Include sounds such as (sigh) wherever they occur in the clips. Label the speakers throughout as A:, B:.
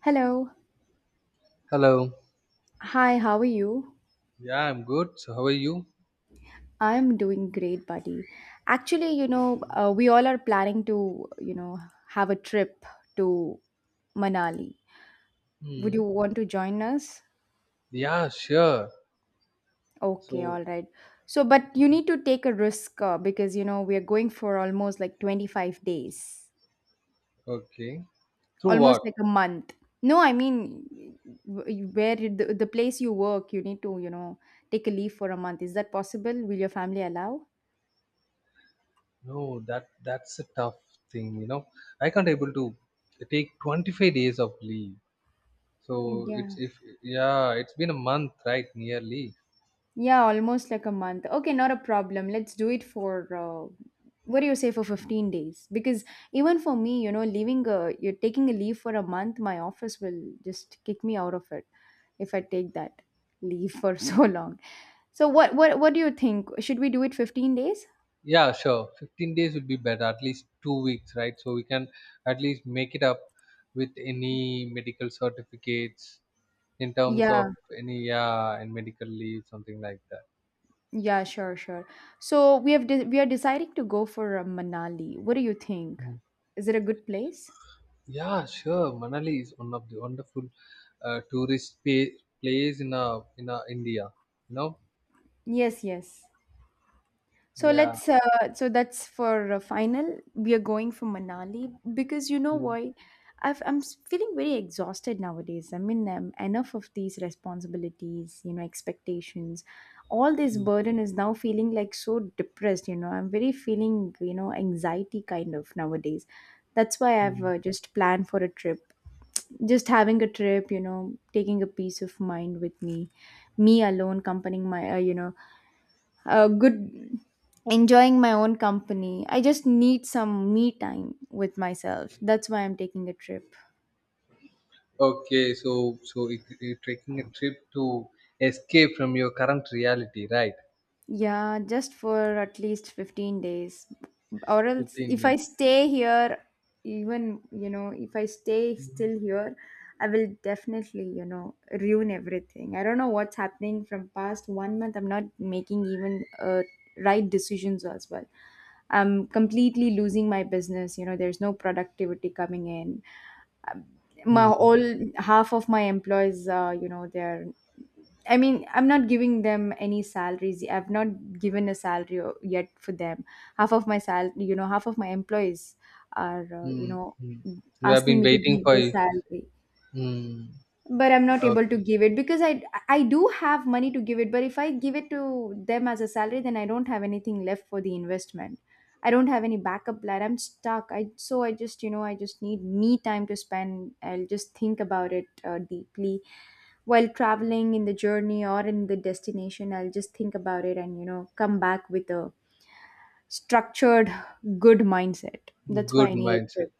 A: Hello.
B: Hello.
A: Hi, how are you?
B: Yeah, I'm good. So, how are you?
A: I'm doing great, buddy. Actually, we all are planning to, have a trip to Manali. Would you
B: Hmm.
A: want to join us?
B: Yeah, sure.
A: Okay,
B: So,
A: all right. So, but you need to take a risk because we are going for almost like 25 days,
B: okay. Through
A: almost
B: what?
A: like a month. No, I mean, where the place you work, you need to, take a leave for a month. Is that possible? Will your family allow?
B: No, that's a tough thing. I can't able to take 25 days of leave. So it's
A: Yeah.
B: if Yeah, it's been a month, right? Nearly.
A: Yeah, almost like a month. Okay, not a problem. Let's do it for what do you say for 15 days? Because even for me, leaving a you're taking a leave for a month, my office will just kick me out of it if I take that leave for (laughs) so long. So what do you think? Should we do it 15 days?
B: Yeah, sure. 15 days would be better. At least 2 weeks, right? So we can at least make it up with any medical certificates in terms of
A: Yeah.
B: any, yeah, and medical leave, something like that.
A: Yeah, sure, sure. So we we are deciding to go for Manali. What do you think? Is it a good place?
B: Yeah, sure. Manali is one of the wonderful tourist place in India. You know?
A: Yes, yes. So
B: Yeah.
A: let's so that's for final. We are going for Manali because you know
B: Mm,
A: why? I'm feeling very exhausted nowadays. I mean, enough of these responsibilities, expectations. All this
B: mm,
A: burden is now feeling like so depressed. I'm very feeling anxiety kind of nowadays. That's why I've
B: mm.
A: just planned for a trip. Just having a trip, taking a peace of mind with me, me alone, accompanying my good, enjoying my own company. I just need some me time with myself. That's why I'm taking a trip.
B: Okay, so you're taking a trip to escape from your current reality, right?
A: Yeah, just for at least 15 days. Or else,
B: Fifteen
A: if I
B: days.
A: stay here, even, if I stay still here, I will definitely, ruin everything. I don't know what's happening from past one month. I'm not making even right decisions as well. I'm completely losing my business. There's no productivity coming in. Um, my
B: Mm,
A: all half of my employees, they're. I mean, I'm not giving them any salaries. I've not given a salary yet for them. Half of my employees are,
B: mm, mm. You have
A: asking
B: been
A: me to
B: waiting
A: give
B: for.
A: the salary,
B: Mm,
A: but I'm not able to
B: okay,
A: give it because I do have money to give it, but if I give it to them as a salary, then I don't have anything left for the investment. I don't have any backup plan. I'm stuck. I so I just need me time to spend. I'll just think about it deeply while traveling in the journey or in the destination. I'll just think about it and come back with a structured good mindset. That's why
B: good
A: I need a
B: mindset.
A: trip.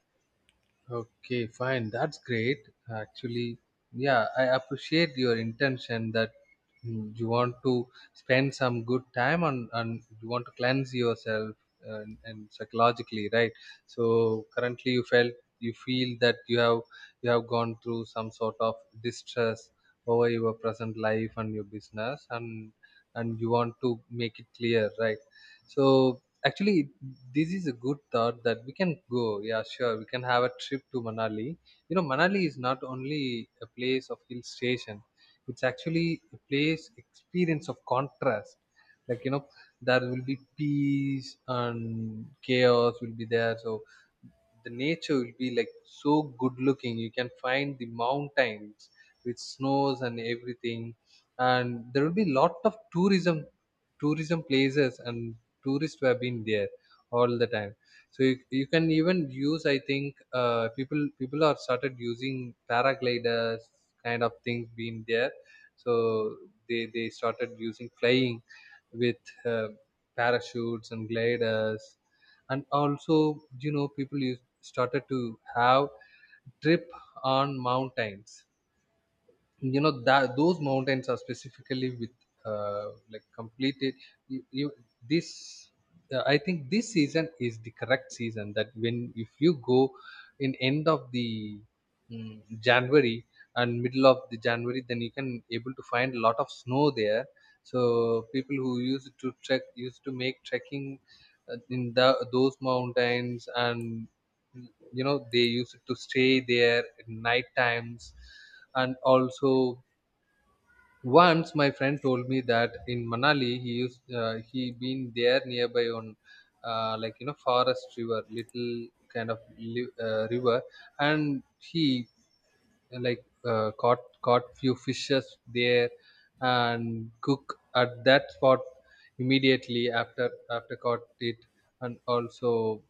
B: Okay, fine. That's great. Actually, yeah, I appreciate your intention that you want to spend some good time on, and you want to cleanse yourself and psychologically, right? So currently, you feel that you have gone through some sort of distress over your present life and your business, and you want to make it clear, right? So actually, this is a good thought that we can go. Yeah, sure. We can have a trip to Manali. Manali is not only a place of hill station. It's actually a place experience of contrast. Like there will be peace and chaos will be there. So the nature will be like so good looking. You can find the mountains with snows and everything, and there will be lot of tourism places and tourists who have been there all the time. So you can even use, I think, people are started using paragliders kind of things being there. So they started using flying with uh, parachutes and gliders. And also started to have trip on mountains. You know that those mountains are specifically with like completed. You this I think this season is the correct season that when if you go in end of the January, and middle of the January, then you can able to find a lot of snow there. So people who used to trek used to make trekking in the those mountains, and they used to stay there at night times. And also, once my friend told me that in Manali he used, he been there nearby on forest river, little kind of river. And he like caught few fishes there and cook at that spot immediately after caught it. And also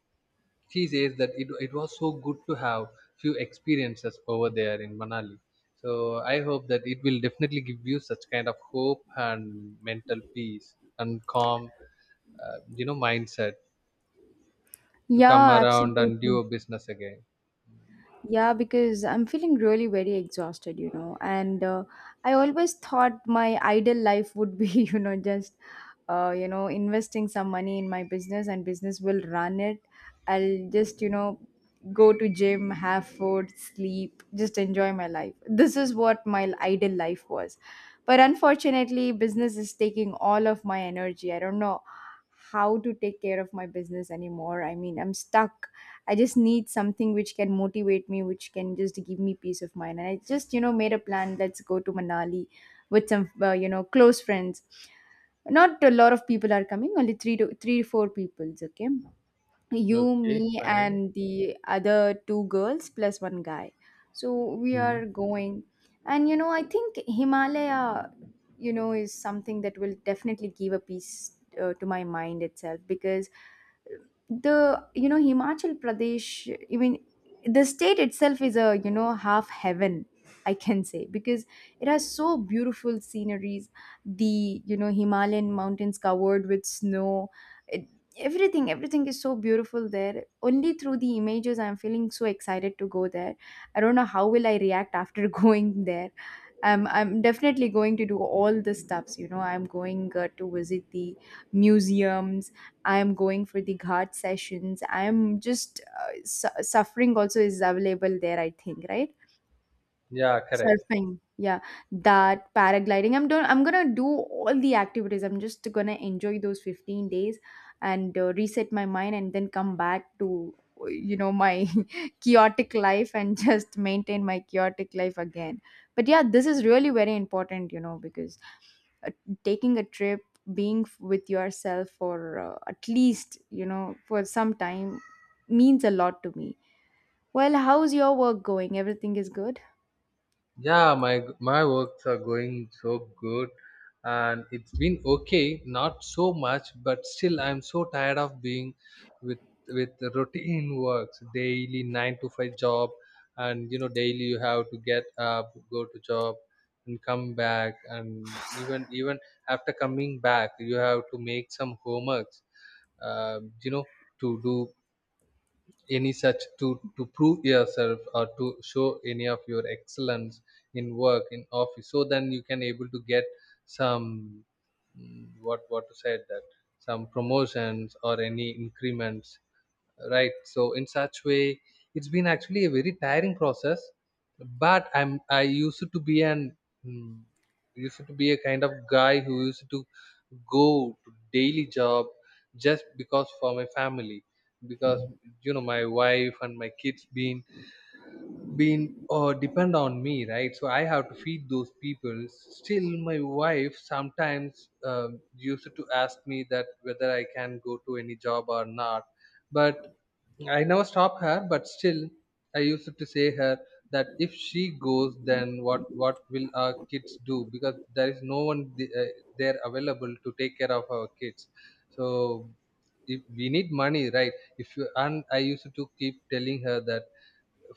B: she says that it was so good to have few experiences over there in Manali. So I hope that it will definitely give you such kind of hope and mental peace and calm mindset to come
A: Yeah,
B: around and do
A: absolutely.
B: a business again.
A: Yeah, because I'm feeling really very exhausted. And I always thought my ideal life would be, (laughs) just, investing some money in my business and business will run it. I'll just, go to gym, have food, sleep, just enjoy my life. This is what my ideal life was. But unfortunately, business is taking all of my energy. I don't know how to take care of my business anymore. I mean, I'm stuck. I just need something which can motivate me, which can just give me peace of mind. And I just, made a plan. Let's go to Manali with some, close friends. Not a lot of people are coming, only three to three, four peoples. Okay, you,
B: Okay,
A: me,
B: fine.
A: and the other two girls plus one guy. So we
B: Hmm.
A: are going. And I think Himalaya, is something that will definitely give a peace to my mind itself because the, Himachal Pradesh, I mean, the state itself is a, half heaven. I can say, because it has so beautiful sceneries, the Himalayan mountains covered with snow, it, everything is so beautiful there. Only through the images I'm feeling so excited to go there. I don't know how will I react after (laughs) going there. I'm definitely going to do all the stuffs. I'm going to visit the museums. I'm going for the ghat sessions. I'm just suffering also is available there, I think, right?
B: Yeah, correct.
A: Surfing, yeah, that paragliding. I'm done. I'm gonna do all the activities. I'm just gonna enjoy those 15 days and reset my mind, and then come back to my (laughs) chaotic life and (laughs) just maintain my chaotic life again. But yeah, this is really very important, because uh, taking a trip, being with yourself for at least for some time, means a lot to me. Well, how's your work going? Everything is good.
B: Yeah, my works are going so good, and it's been okay, not so much, but still I'm so tired of being with with the routine works, daily nine to five job. And daily you have to get up, go to job, and come back. And even after coming back, you have to make some homeworks, uh, you know, to do any such to prove yourself or to show any of your excellence in work in office, so then you can able to get some, what to say that, some promotions or any increments, right? So in such way, it's been actually a very tiring process. But I used to be mm, used to be a kind of guy who used to go to daily job, just because for my family. Because my wife and my kids been depend on me, right? So I have to feed those people. Still my wife sometimes used to ask me that whether I can go to any job or not. But I never stop her, but still, I used to say her that if she goes, then what will our kids do? Because there is no one there available to take care of our kids. So if we need money, right? If you, and I used to keep telling her that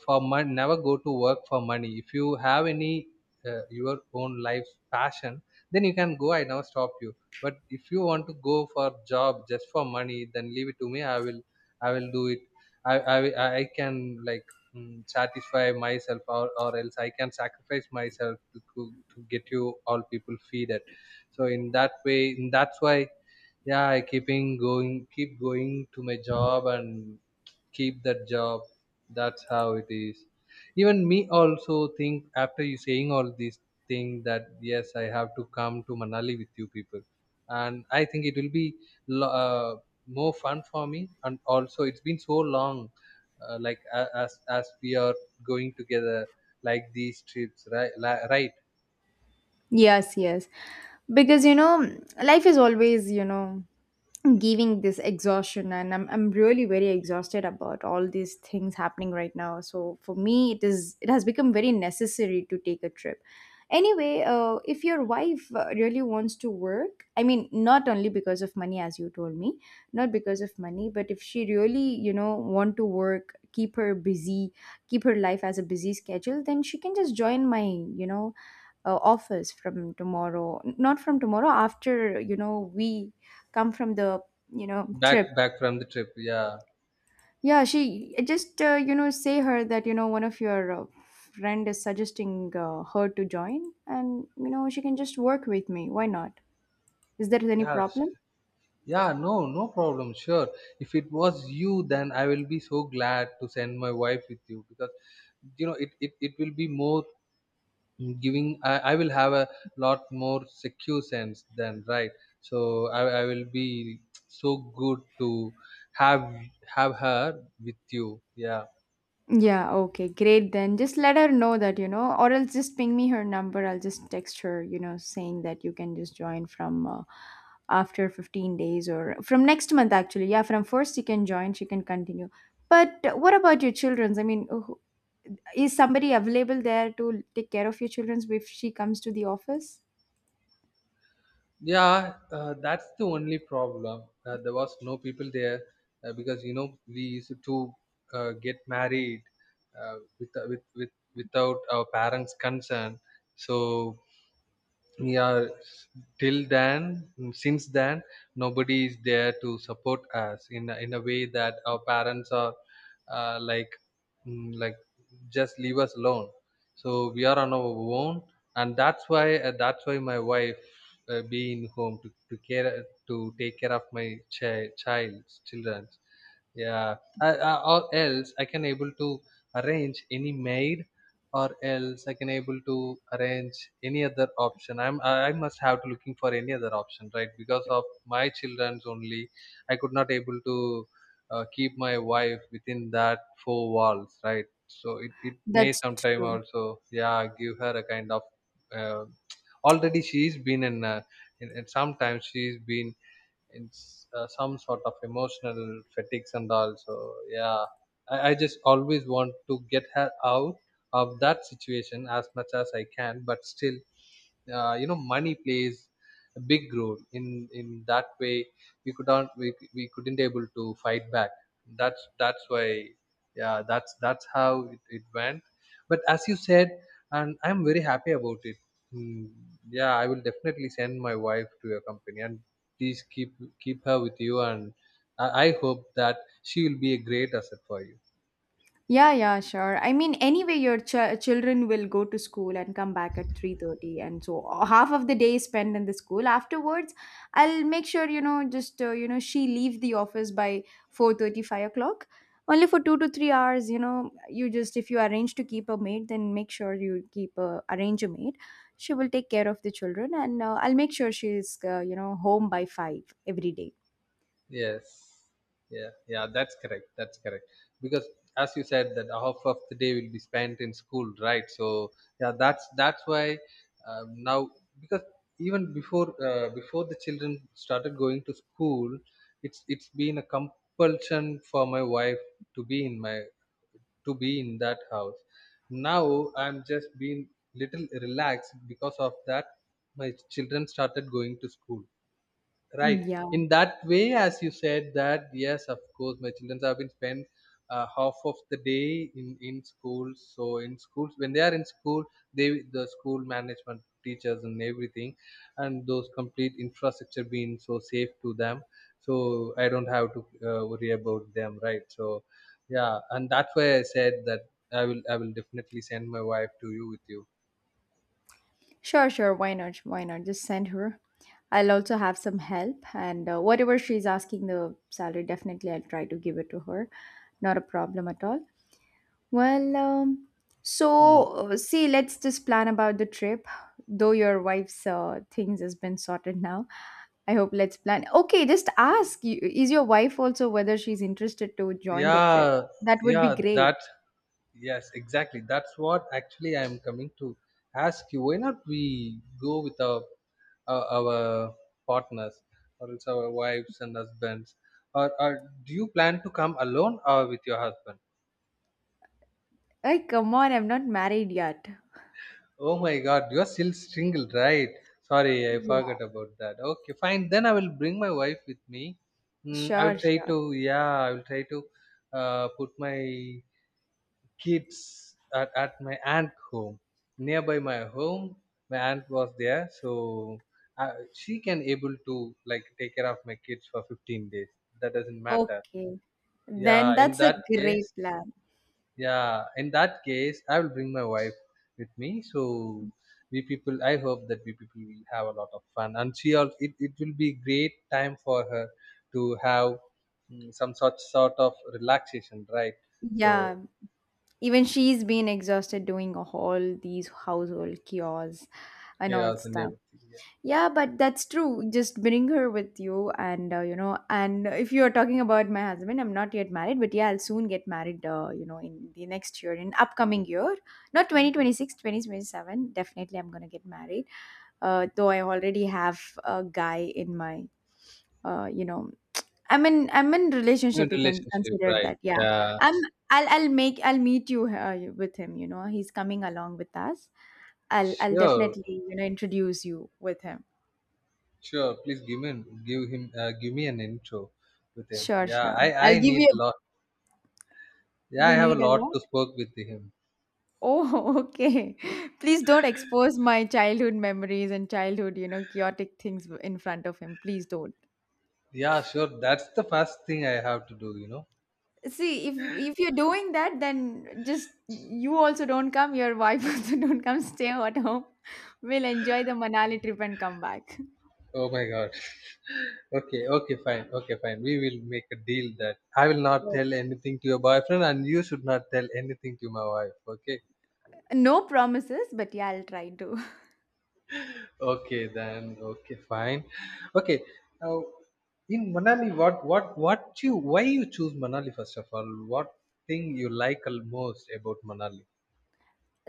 B: for money never go to work for money. If you have any your own life passion, then you can go. I never stop you. But if you want to go for job just for money, then leave it to me. I will do it. I can like, satisfy myself, or else I can sacrifice myself to get you all people feed it. So in that way, that's why, yeah, I keep going to my job and keep that job. That's how it is. Even me also think after you saying all these things that yes I have to come to Manali with you people. And I think it will be lo- uh, more fun for me. And also it's been so long, like as we are going together like these trips, right.
A: Yes, yes. Because life is always, giving this exhaustion, and I'm really very exhausted about all these things happening right now. So for me, it has become very necessary to take a trip. Anyway, if your wife really wants to work, I mean not only because of money as you told me, not because of money, but if she really, want to work, keep her busy, keep her life as a busy schedule, then she can just join my, offers from tomorrow, not from tomorrow, after we come from the
B: back
A: trip.
B: back from the trip. Yeah,
A: Yeah, she just, say her that one of your friend is suggesting her to join and she can just work with me, why not? Is there any
B: yeah.
A: problem?
B: Yeah, no, no problem. Sure. If it was you, then I will be so glad to send my wife with you, because it will be more giving. I will have a lot more secure sense than right. So I will be so good to have have her with you. Yeah.
A: Yeah, okay, great then. Just let her know that, or else just ping me her number. I'll just text her, saying that you can just join from after 15 days or from next month, actually. Yeah, from first you can join, she can continue. But what about your children's? I mean, is somebody available there to take care of your children's if she comes to the office?
B: Yeah, that's the only problem. There was no people there, because we used to get married, uh, with, with with without our parents' consent. So yeah, till then since then nobody is there to support us in a way that our parents are uh, like like just leave us alone. So we are on our own. And that's why, my wife, being home to care to take care of my child's children. Yeah. Or else I can able to arrange any maid, or else I can able to arrange any other option. I must have to looking for any other option, right? Because of my childrens only, I could not able to keep my wife within that four walls, right? So it may
A: That's
B: sometime
A: true.
B: also, yeah, give her a kind of uh, Already she's been in sometimes she's been it's some sort of emotional fatigues and all. So yeah, I just always want to get her out of that situation as much as I can, but still, money plays a big role in that way. We couldn't able to fight back. That's why, yeah, that's how it went. But as you said, and I'm very happy about it. Hmm, yeah, I will definitely send my wife to your company, and please keep her with you, and I hope that she will be a great asset for you.
A: Yeah, yeah, sure. I mean, anyway, your children will go to school and come back at 3:30, and so half of the day is spent in the school. Afterwards, I'll make sure, just, she leave the office by 4:35 o'clock. Only for 2 to 3 hours, you just, if you arrange to keep a maid, then make sure you keep a arrange a maid. She will take care of the children, and I'll make sure she's, home by 5 every day.
B: Yes. Yeah. Yeah. That's correct. That's correct. Because as you said, that half of the day will be spent in school, right? So yeah, that's why, now, because even before, before the children started going to school, it's been a compulsion for my wife to be in my to be in that house. Now I'm just being little relaxed because of that. My children started going to school. Right.
A: Mm, yeah.
B: In that way, as you said that, yes, of course, my children have been spent half of the day in schools. So in schools, when they are in school, the school management teachers and everything, and those complete infrastructure being so safe to them. So I don't have to worry about them, right? So yeah, and that's why I said that I will definitely send my wife to you with you.
A: Sure, sure. Why not? Why not? Just send her. I'll also have some help, and whatever she's asking the salary, definitely I'll try to give it to her. Not a problem at all. Well, so
B: Mm.
A: see, let's just plan about the trip. Though your wife's things has been sorted now, I hope, let's plan. Okay, just ask. Is your wife also, whether she's interested to join the trip?
B: Yeah,
A: That would be
B: yeah,
A: great.
B: that yes, exactly. That's what actually I am coming to ask you. Why not we go with our our partners or else our wives and husbands? Or do you plan to come alone or with your husband?
A: Hey, come on, I'm not married yet.
B: Oh my God, you are still single, right? Sorry, I
A: Yeah,
B: forgot about that. Okay, fine. Then I will bring my wife with me. I
A: sure,
B: will try
A: sure.
B: to yeah, I will try to put my kids at my aunt home nearby my home. My aunt was there, so she can able to like take care of my kids for 15 days. That doesn't matter.
A: Okay. Then
B: Yeah, in
A: that's a
B: that
A: great
B: case,
A: plan.
B: yeah, in that case I will bring my wife with me. So we people, I hope that we people will have a lot of fun, and she also, it will be great time for her to have some sort of relaxation, right? So
A: Yeah. Even she's been exhausted doing all these household chores and all
B: chaos and
A: stuff.
B: everything, yeah.
A: Yeah, but that's true. Just bring her with you. And if you're talking about my husband, I'm not yet married, but yeah, I'll soon get married, in the next year, in upcoming year. Not 2026, 2027. Definitely I'm going to get married. Though I already have a guy in my, uh, you know, I'm in
B: New
A: relationship. You can
B: relationship,
A: consider
B: right?
A: that. Yeah,
B: Yeah,
A: I'm. I'll meet you with him. He's coming along with us. I'll
B: sure,
A: definitely introduce you with him.
B: sure. Please give me an intro with him.
A: Sure,
B: Yeah, I
A: sure. I'll
B: I
A: give
B: need a
A: you.
B: lot. Yeah, I
A: You
B: have a
A: need a
B: lot
A: lot.
B: to spoke with him.
A: Oh, (laughs) okay. Please don't expose my childhood memories and childhood chaotic things in front of him. Please don't.
B: Yeah, sure. That's the first thing I have to do, you know.
A: See, if you're doing that, then just, you also don't come, your wife (laughs) also don't come, stay at home. We'll enjoy the Manali trip and come back.
B: Oh my God. (laughs) Okay, okay, fine. Okay, fine. We will make a deal that I will not
A: No,
B: tell anything to your boyfriend, and you should not tell anything to my wife. Okay.
A: no promises, but yeah, I'll try to.
B: Okay then, okay fine. Okay. Now, in Manali, what you why you choose Manali first of all, what thing you like most about Manali?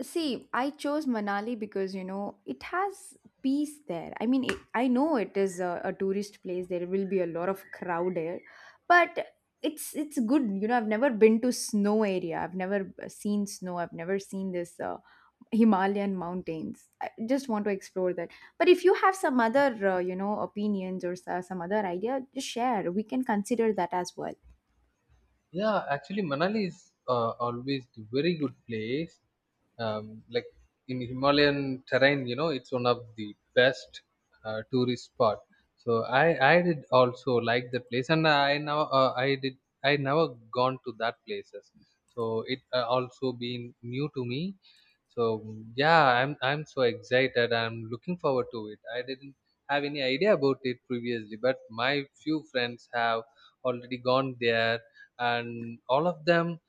A: See, I chose Manali because it has peace there. I mean, I know it is a tourist place. There will be a lot of crowd there, but it's good. I've never been to snow area. I've never seen snow. I've never seen this Himalayan mountains. I just want to explore that. But if you have some other, opinions or some other idea, just share. We can consider that as well.
B: Yeah, actually, Manali is always the very good place. Like in Himalayan terrain, you know, it's one of the best tourist spot. So I did also like the place, and I now uh, I never gone to that places. So it also been new to me. So yeah, I'm so excited. I'm looking forward to it. I didn't have any idea about it previously, but my few friends have already gone there, and all of them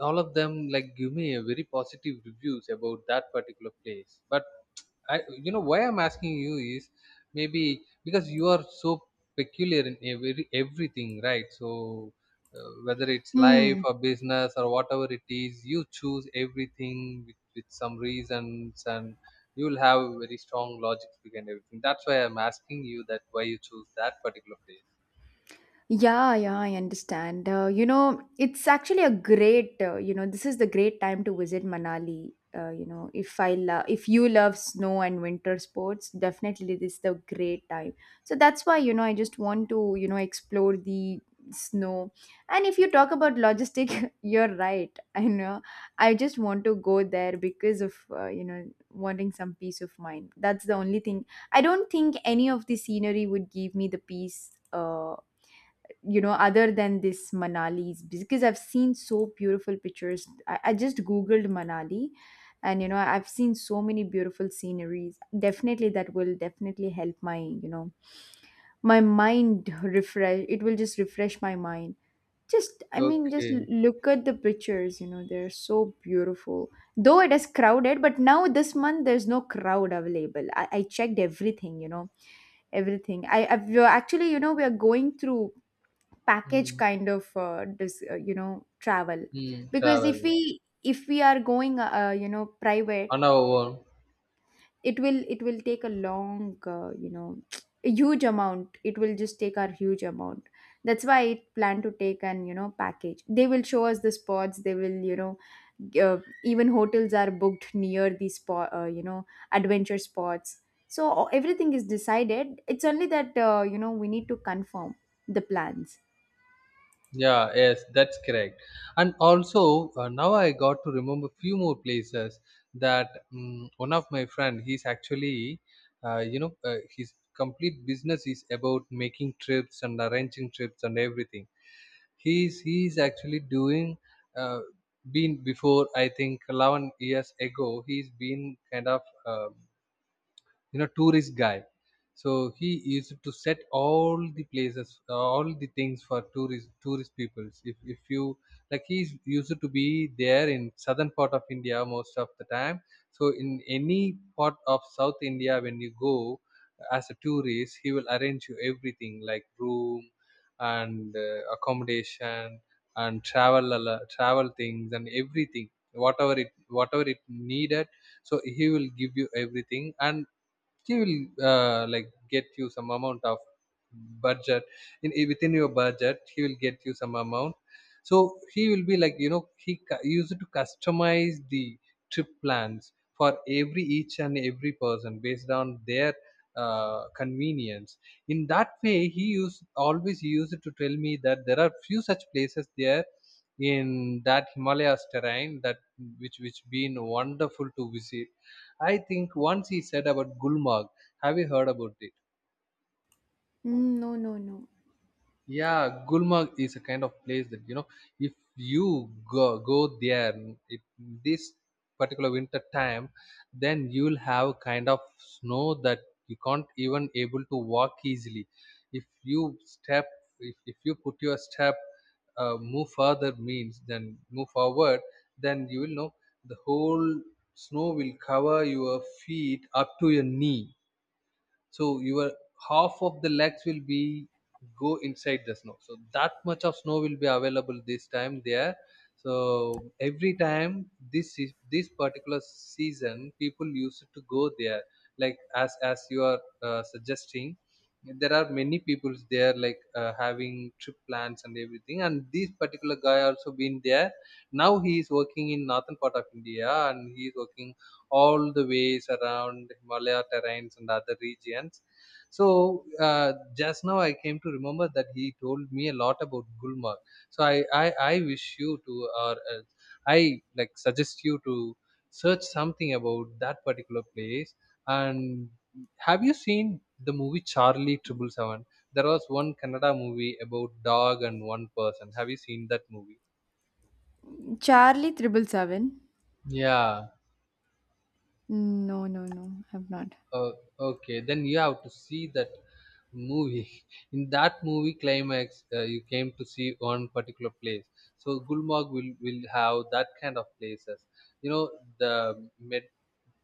B: all of them like give me a very positive reviews about that particular place. But I, you know why I'm asking you is maybe because you are so peculiar in every everything, right? So whether it's life or business or whatever it is, you choose everything with some reasons, and you'll have very strong logic behind everything. That's why I'm asking you that why you choose that particular place.
A: Yeah, yeah, I understand. It's actually a great, this is the great time to visit Manali. If you love snow and winter sports, definitely this is the great time. So that's why, I just want to, explore the snow. And if you talk about logistic, (laughs) you're right. I know. I just want to go there because of, wanting some peace of mind. That's the only thing. I don't think any of the scenery would give me the peace. Other than this manali's because I've seen so beautiful pictures I just googled manali and I've seen so many beautiful sceneries. Definitely that will definitely help my my mind refresh. It will just refresh my mind. Just just
B: Okay.
A: look at the pictures. They're so beautiful, though it is crowded. But now this month there's no crowd available. I checked everything. Everything. We're actually, we are going through package
B: Mm.
A: kind of dis, you know travel.
B: Mm,
A: Because if
B: travel.
A: we are going private,
B: On our own.
A: it will take a long, (tsk) a huge amount. It will just take our huge amount. That's why I plan to take an package. They will show us the spots. They will g- uh, even hotels are booked near these spot adventure spots. So everything is decided. It's only that we need to confirm the plans.
B: Yeah, yes, that's correct. And also, now I got to remember few more places that, one of my friend, he's actually, you know, his complete business is about making trips and arranging trips and everything. He's actually doing, uh, been before I think 11 years ago. He's been kind of. Uh, you know, tourist guy, so he used to set all the places, all the things for tourist peoples. If you like, he's used to be there in southern part of India most of the time. So in any part of South India when you go as a tourist, he will arrange you everything, like room and accommodation and travel things and everything, whatever it whatever it needed. So he will give you everything, and she will like get you some amount of budget. Within your budget, he will get you some amount. So he will be like, you know, he used to customize the trip plans for every each and every person based on their convenience. In that way, he used always used to tell me that there are few such places there in that Himalayas terrain that which been wonderful to visit. I think once he said about Gulmarg. Have you heard about it?
A: Mm, no, no, no.
B: Yeah, Gulmarg is a kind of place that, you know, if you go there, it, this particular winter time, then you'll have kind of snow that you can't even able to walk easily. If you step, if you put your step, move further means, then move forward, then you will know the whole snow will cover your feet up to your knee. So your half of the legs will be go inside the snow. So that much of snow will be available this time there. So every time this is this particular season, people used to go there. Like as you are suggesting, there are many people there like having trip plans and everything, and this particular guy also been there. Now he is working in northern part of India, and he is working all the ways around Himalaya terrains and other regions. So just now I came to remember that he told me a lot about Gulmarg. So I wish you to, or I like suggest you to search something about that particular place. And have you seen the movie Charlie Triple Seven? There was one Kannada movie about dog and one person. Have you seen that movie?
A: Charlie Triple Seven?
B: Yeah.
A: No, no, no, I've not.
B: Oh, okay, then you have to see that movie. (laughs) In that movie climax, you came to see one particular place. So Gulmarg will have that kind of places. You know, the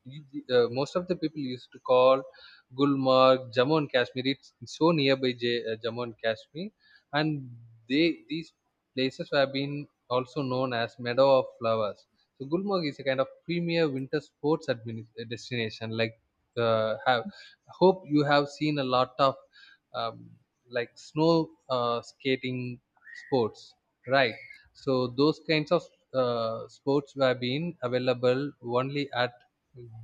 B: most of the people used to call Gulmarg Jammu and Kashmir. It's so nearby Jammu and Kashmir, and they these places have been also known as Meadow of Flowers. So Gulmarg is a kind of premier winter sports destination. Like have hope you have seen a lot of um, like snow skating sports, right? So those kinds of sports were being available only at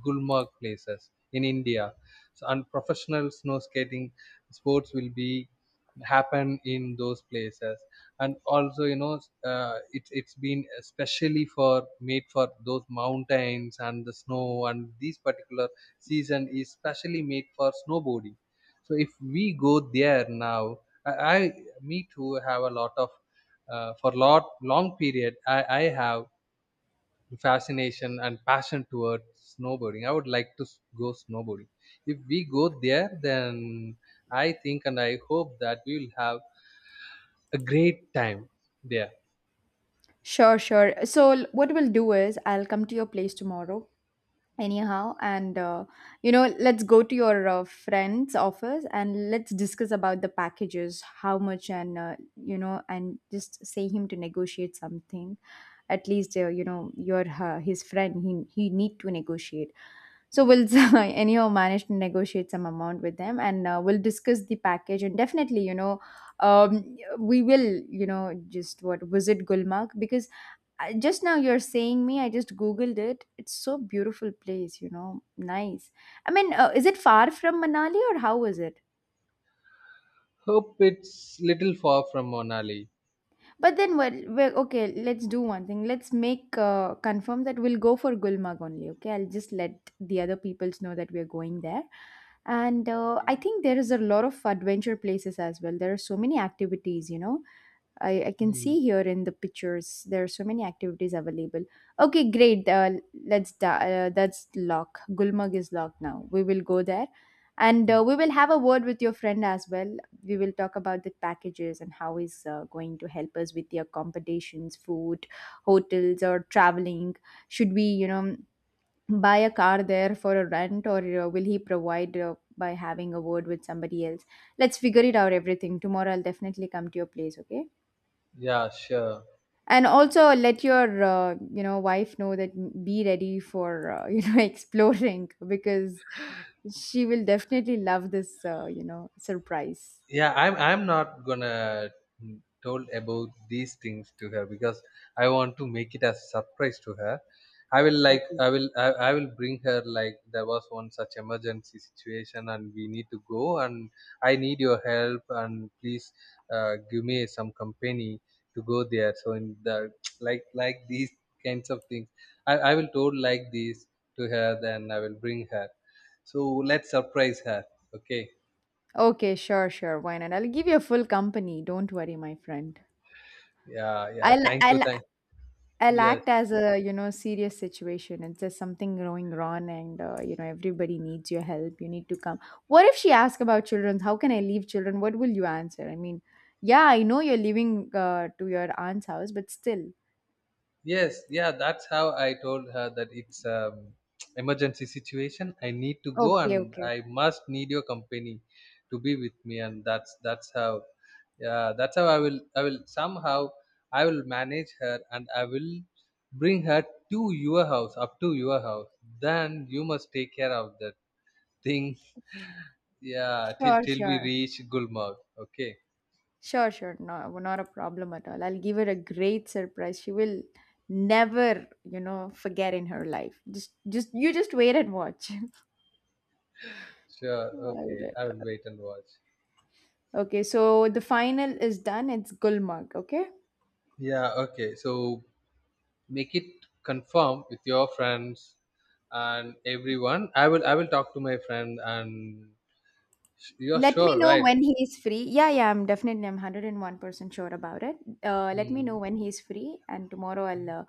B: Gulmarg places in India. So, and professional snow skating sports will be happen in those places. And also, you know, it's been especially for made for those mountains and the snow. And this particular season is specially made for snowboarding. So if we go there now, I me too have a lot of for lot long period I have fascination and passion towards snowboarding. I would like to go snowboarding. If we go there, then I think and I hope that we will have a great time there.
A: Sure, sure. So what we'll do is I'll come to your place tomorrow anyhow, and let's go to your friend's office and let's discuss about the packages, how much, and and just say him to negotiate something at least. You're his friend. He need to negotiate. So we'll (laughs) anyhow manage to negotiate some amount with them, and we'll discuss the package. And definitely, we will, just what, visit Gulmarg. Because I, just now you're saying me, I just googled it. It's so beautiful place, you know. Nice. I mean, is it far from Manali, or how is it?
B: Hope it's little far from Monali.
A: But then, well, okay, let's do one thing. Let's make confirm that we'll go for Gulmarg only. Okay, I'll just let the other peoples know that we are going there. And I think there is a lot of adventure places as well. There are so many activities, you know. I can
B: Hmm.
A: see here in the pictures there are so many activities available. Okay, great. That's lock. Gulmarg is locked now. We will go there, and
B: Hmm.
A: we will have a word with your friend as well. We will talk about the packages and how he's going to help us with the accommodations, food, hotels, or traveling. Should we, you know, buy a car there for a rent, or will he provide by having a word with somebody else? Let's figure it out. Everything tomorrow. I'll definitely come to your place. Okay.
B: Yeah, sure.
A: And also let your wife know that be ready for (laughs) exploring, because she will definitely love this surprise.
B: Yeah, I'm not gonna told about these things to her, because I want to make it as surprise to her. I will like
A: Okay,
B: I will I will bring her like there was one such emergency situation and we need to go, and I need your help, and please give me some company to go there. So in the (tsk) like these kinds of things, I will told like this to her. Then I will bring her. So let's surprise her. Okay.
A: okay, sure, sure. Why not? I'll give you a full company. Don't worry, my friend.
B: Yeah, yeah,
A: i'll
B: thank you,
A: i'll
B: thank.
A: I'll
B: Yes,
A: act as a serious situation. It's just something going wrong, and everybody needs your help. You need to come. What if she asks about children? How can I leave children? What will you answer? I mean, yeah, I know you're leaving to your aunt's house, but still,
B: yes, yeah. That's how I told her that it's (tsk) emergency situation. I need to go,
A: okay,
B: and
A: okay,
B: I must need your company to be with me. And that's how, yeah, that's how I will somehow I will manage her, and I will bring her to your house, up to your house. Then you must take care of that thing. Yeah, till
A: sure,
B: till we
A: sure,
B: reach Gulmarg. Okay,
A: sure, sure. No, not a problem at all. I'll give her a great surprise. She will never, forget in her life. Just you just wait and watch. (laughs)
B: sure.
A: All
B: Okay, I
A: right.
B: will wait and watch.
A: Okay, so the final is done. It's Gulmarg. Okay.
B: Yeah, okay. So make it confirm with your friends and everyone. I will talk to my friend and you're
A: Let me
B: sure,
A: know
B: right?
A: when he is free. Yeah, yeah, I'm definitely, I'm 101% sure about it. Let me
B: Hmm.
A: know when he is free, and tomorrow I'll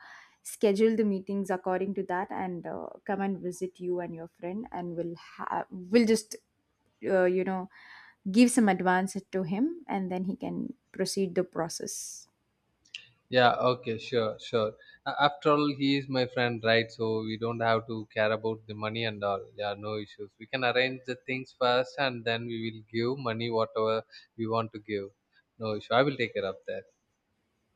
A: schedule the meetings according to that, and come and visit you and your friend, and we'll just, uh, you know, give some advance to him, and then he can proceed the process.
B: Yeah, okay, sure, sure. A- after all, he is my friend, right? So we don't have to care about the money and all. Yeah, no issues. We can arrange the things first, and then we will give money whatever we want to give. No issue, I will take care of that.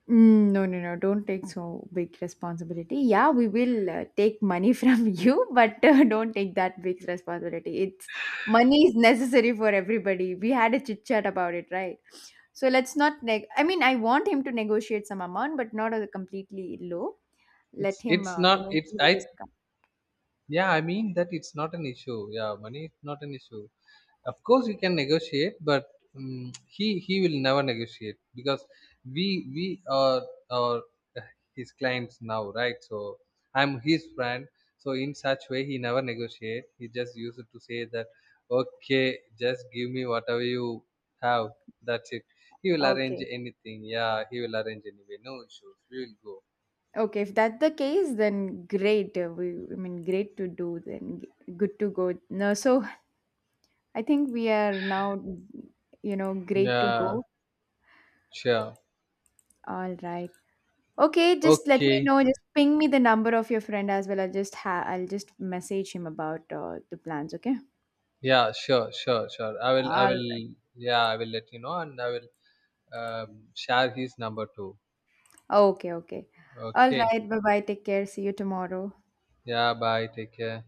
A: Mm, no, no, no. Don't take so big responsibility. Yeah, we will take money (laughs) from you, but don't take that big responsibility. It's money is necessary for everybody. We had a chit chat about it, right? So let's not neg. I mean, I want him to negotiate some amount, but not a completely low. Let
B: it's
A: him,
B: it's not it's
A: give a
B: i
A: discount.
B: yeah, I mean that it's not an issue. Yeah, money is not an issue. Of course, we can negotiate, but he will never negotiate, because we are his clients now, right? So I'm his friend. So in such way, he never negotiate. He just used to say that, okay, just give me whatever you have. That's it. He will arrange
A: Okay,
B: anything. Yeah, he will arrange anyway. No issues. We will go.
A: okay. If that's the case, then great. We, I mean, great to do. Then good to go. No, so I think we are now, great to
B: Yeah,
A: go.
B: sure.
A: All right. Okay, just let me
B: Okay.
A: know. Just ping me the number of your friend as well. I'll just message him about the plans, okay?
B: Yeah, sure, sure, sure.
A: All right.
B: Yeah, I will let you know, and I will share his number too.
A: Okay, okay. All
B: Okay.
A: right. Bye-bye. Take care. See you tomorrow.
B: Yeah, bye. Take care.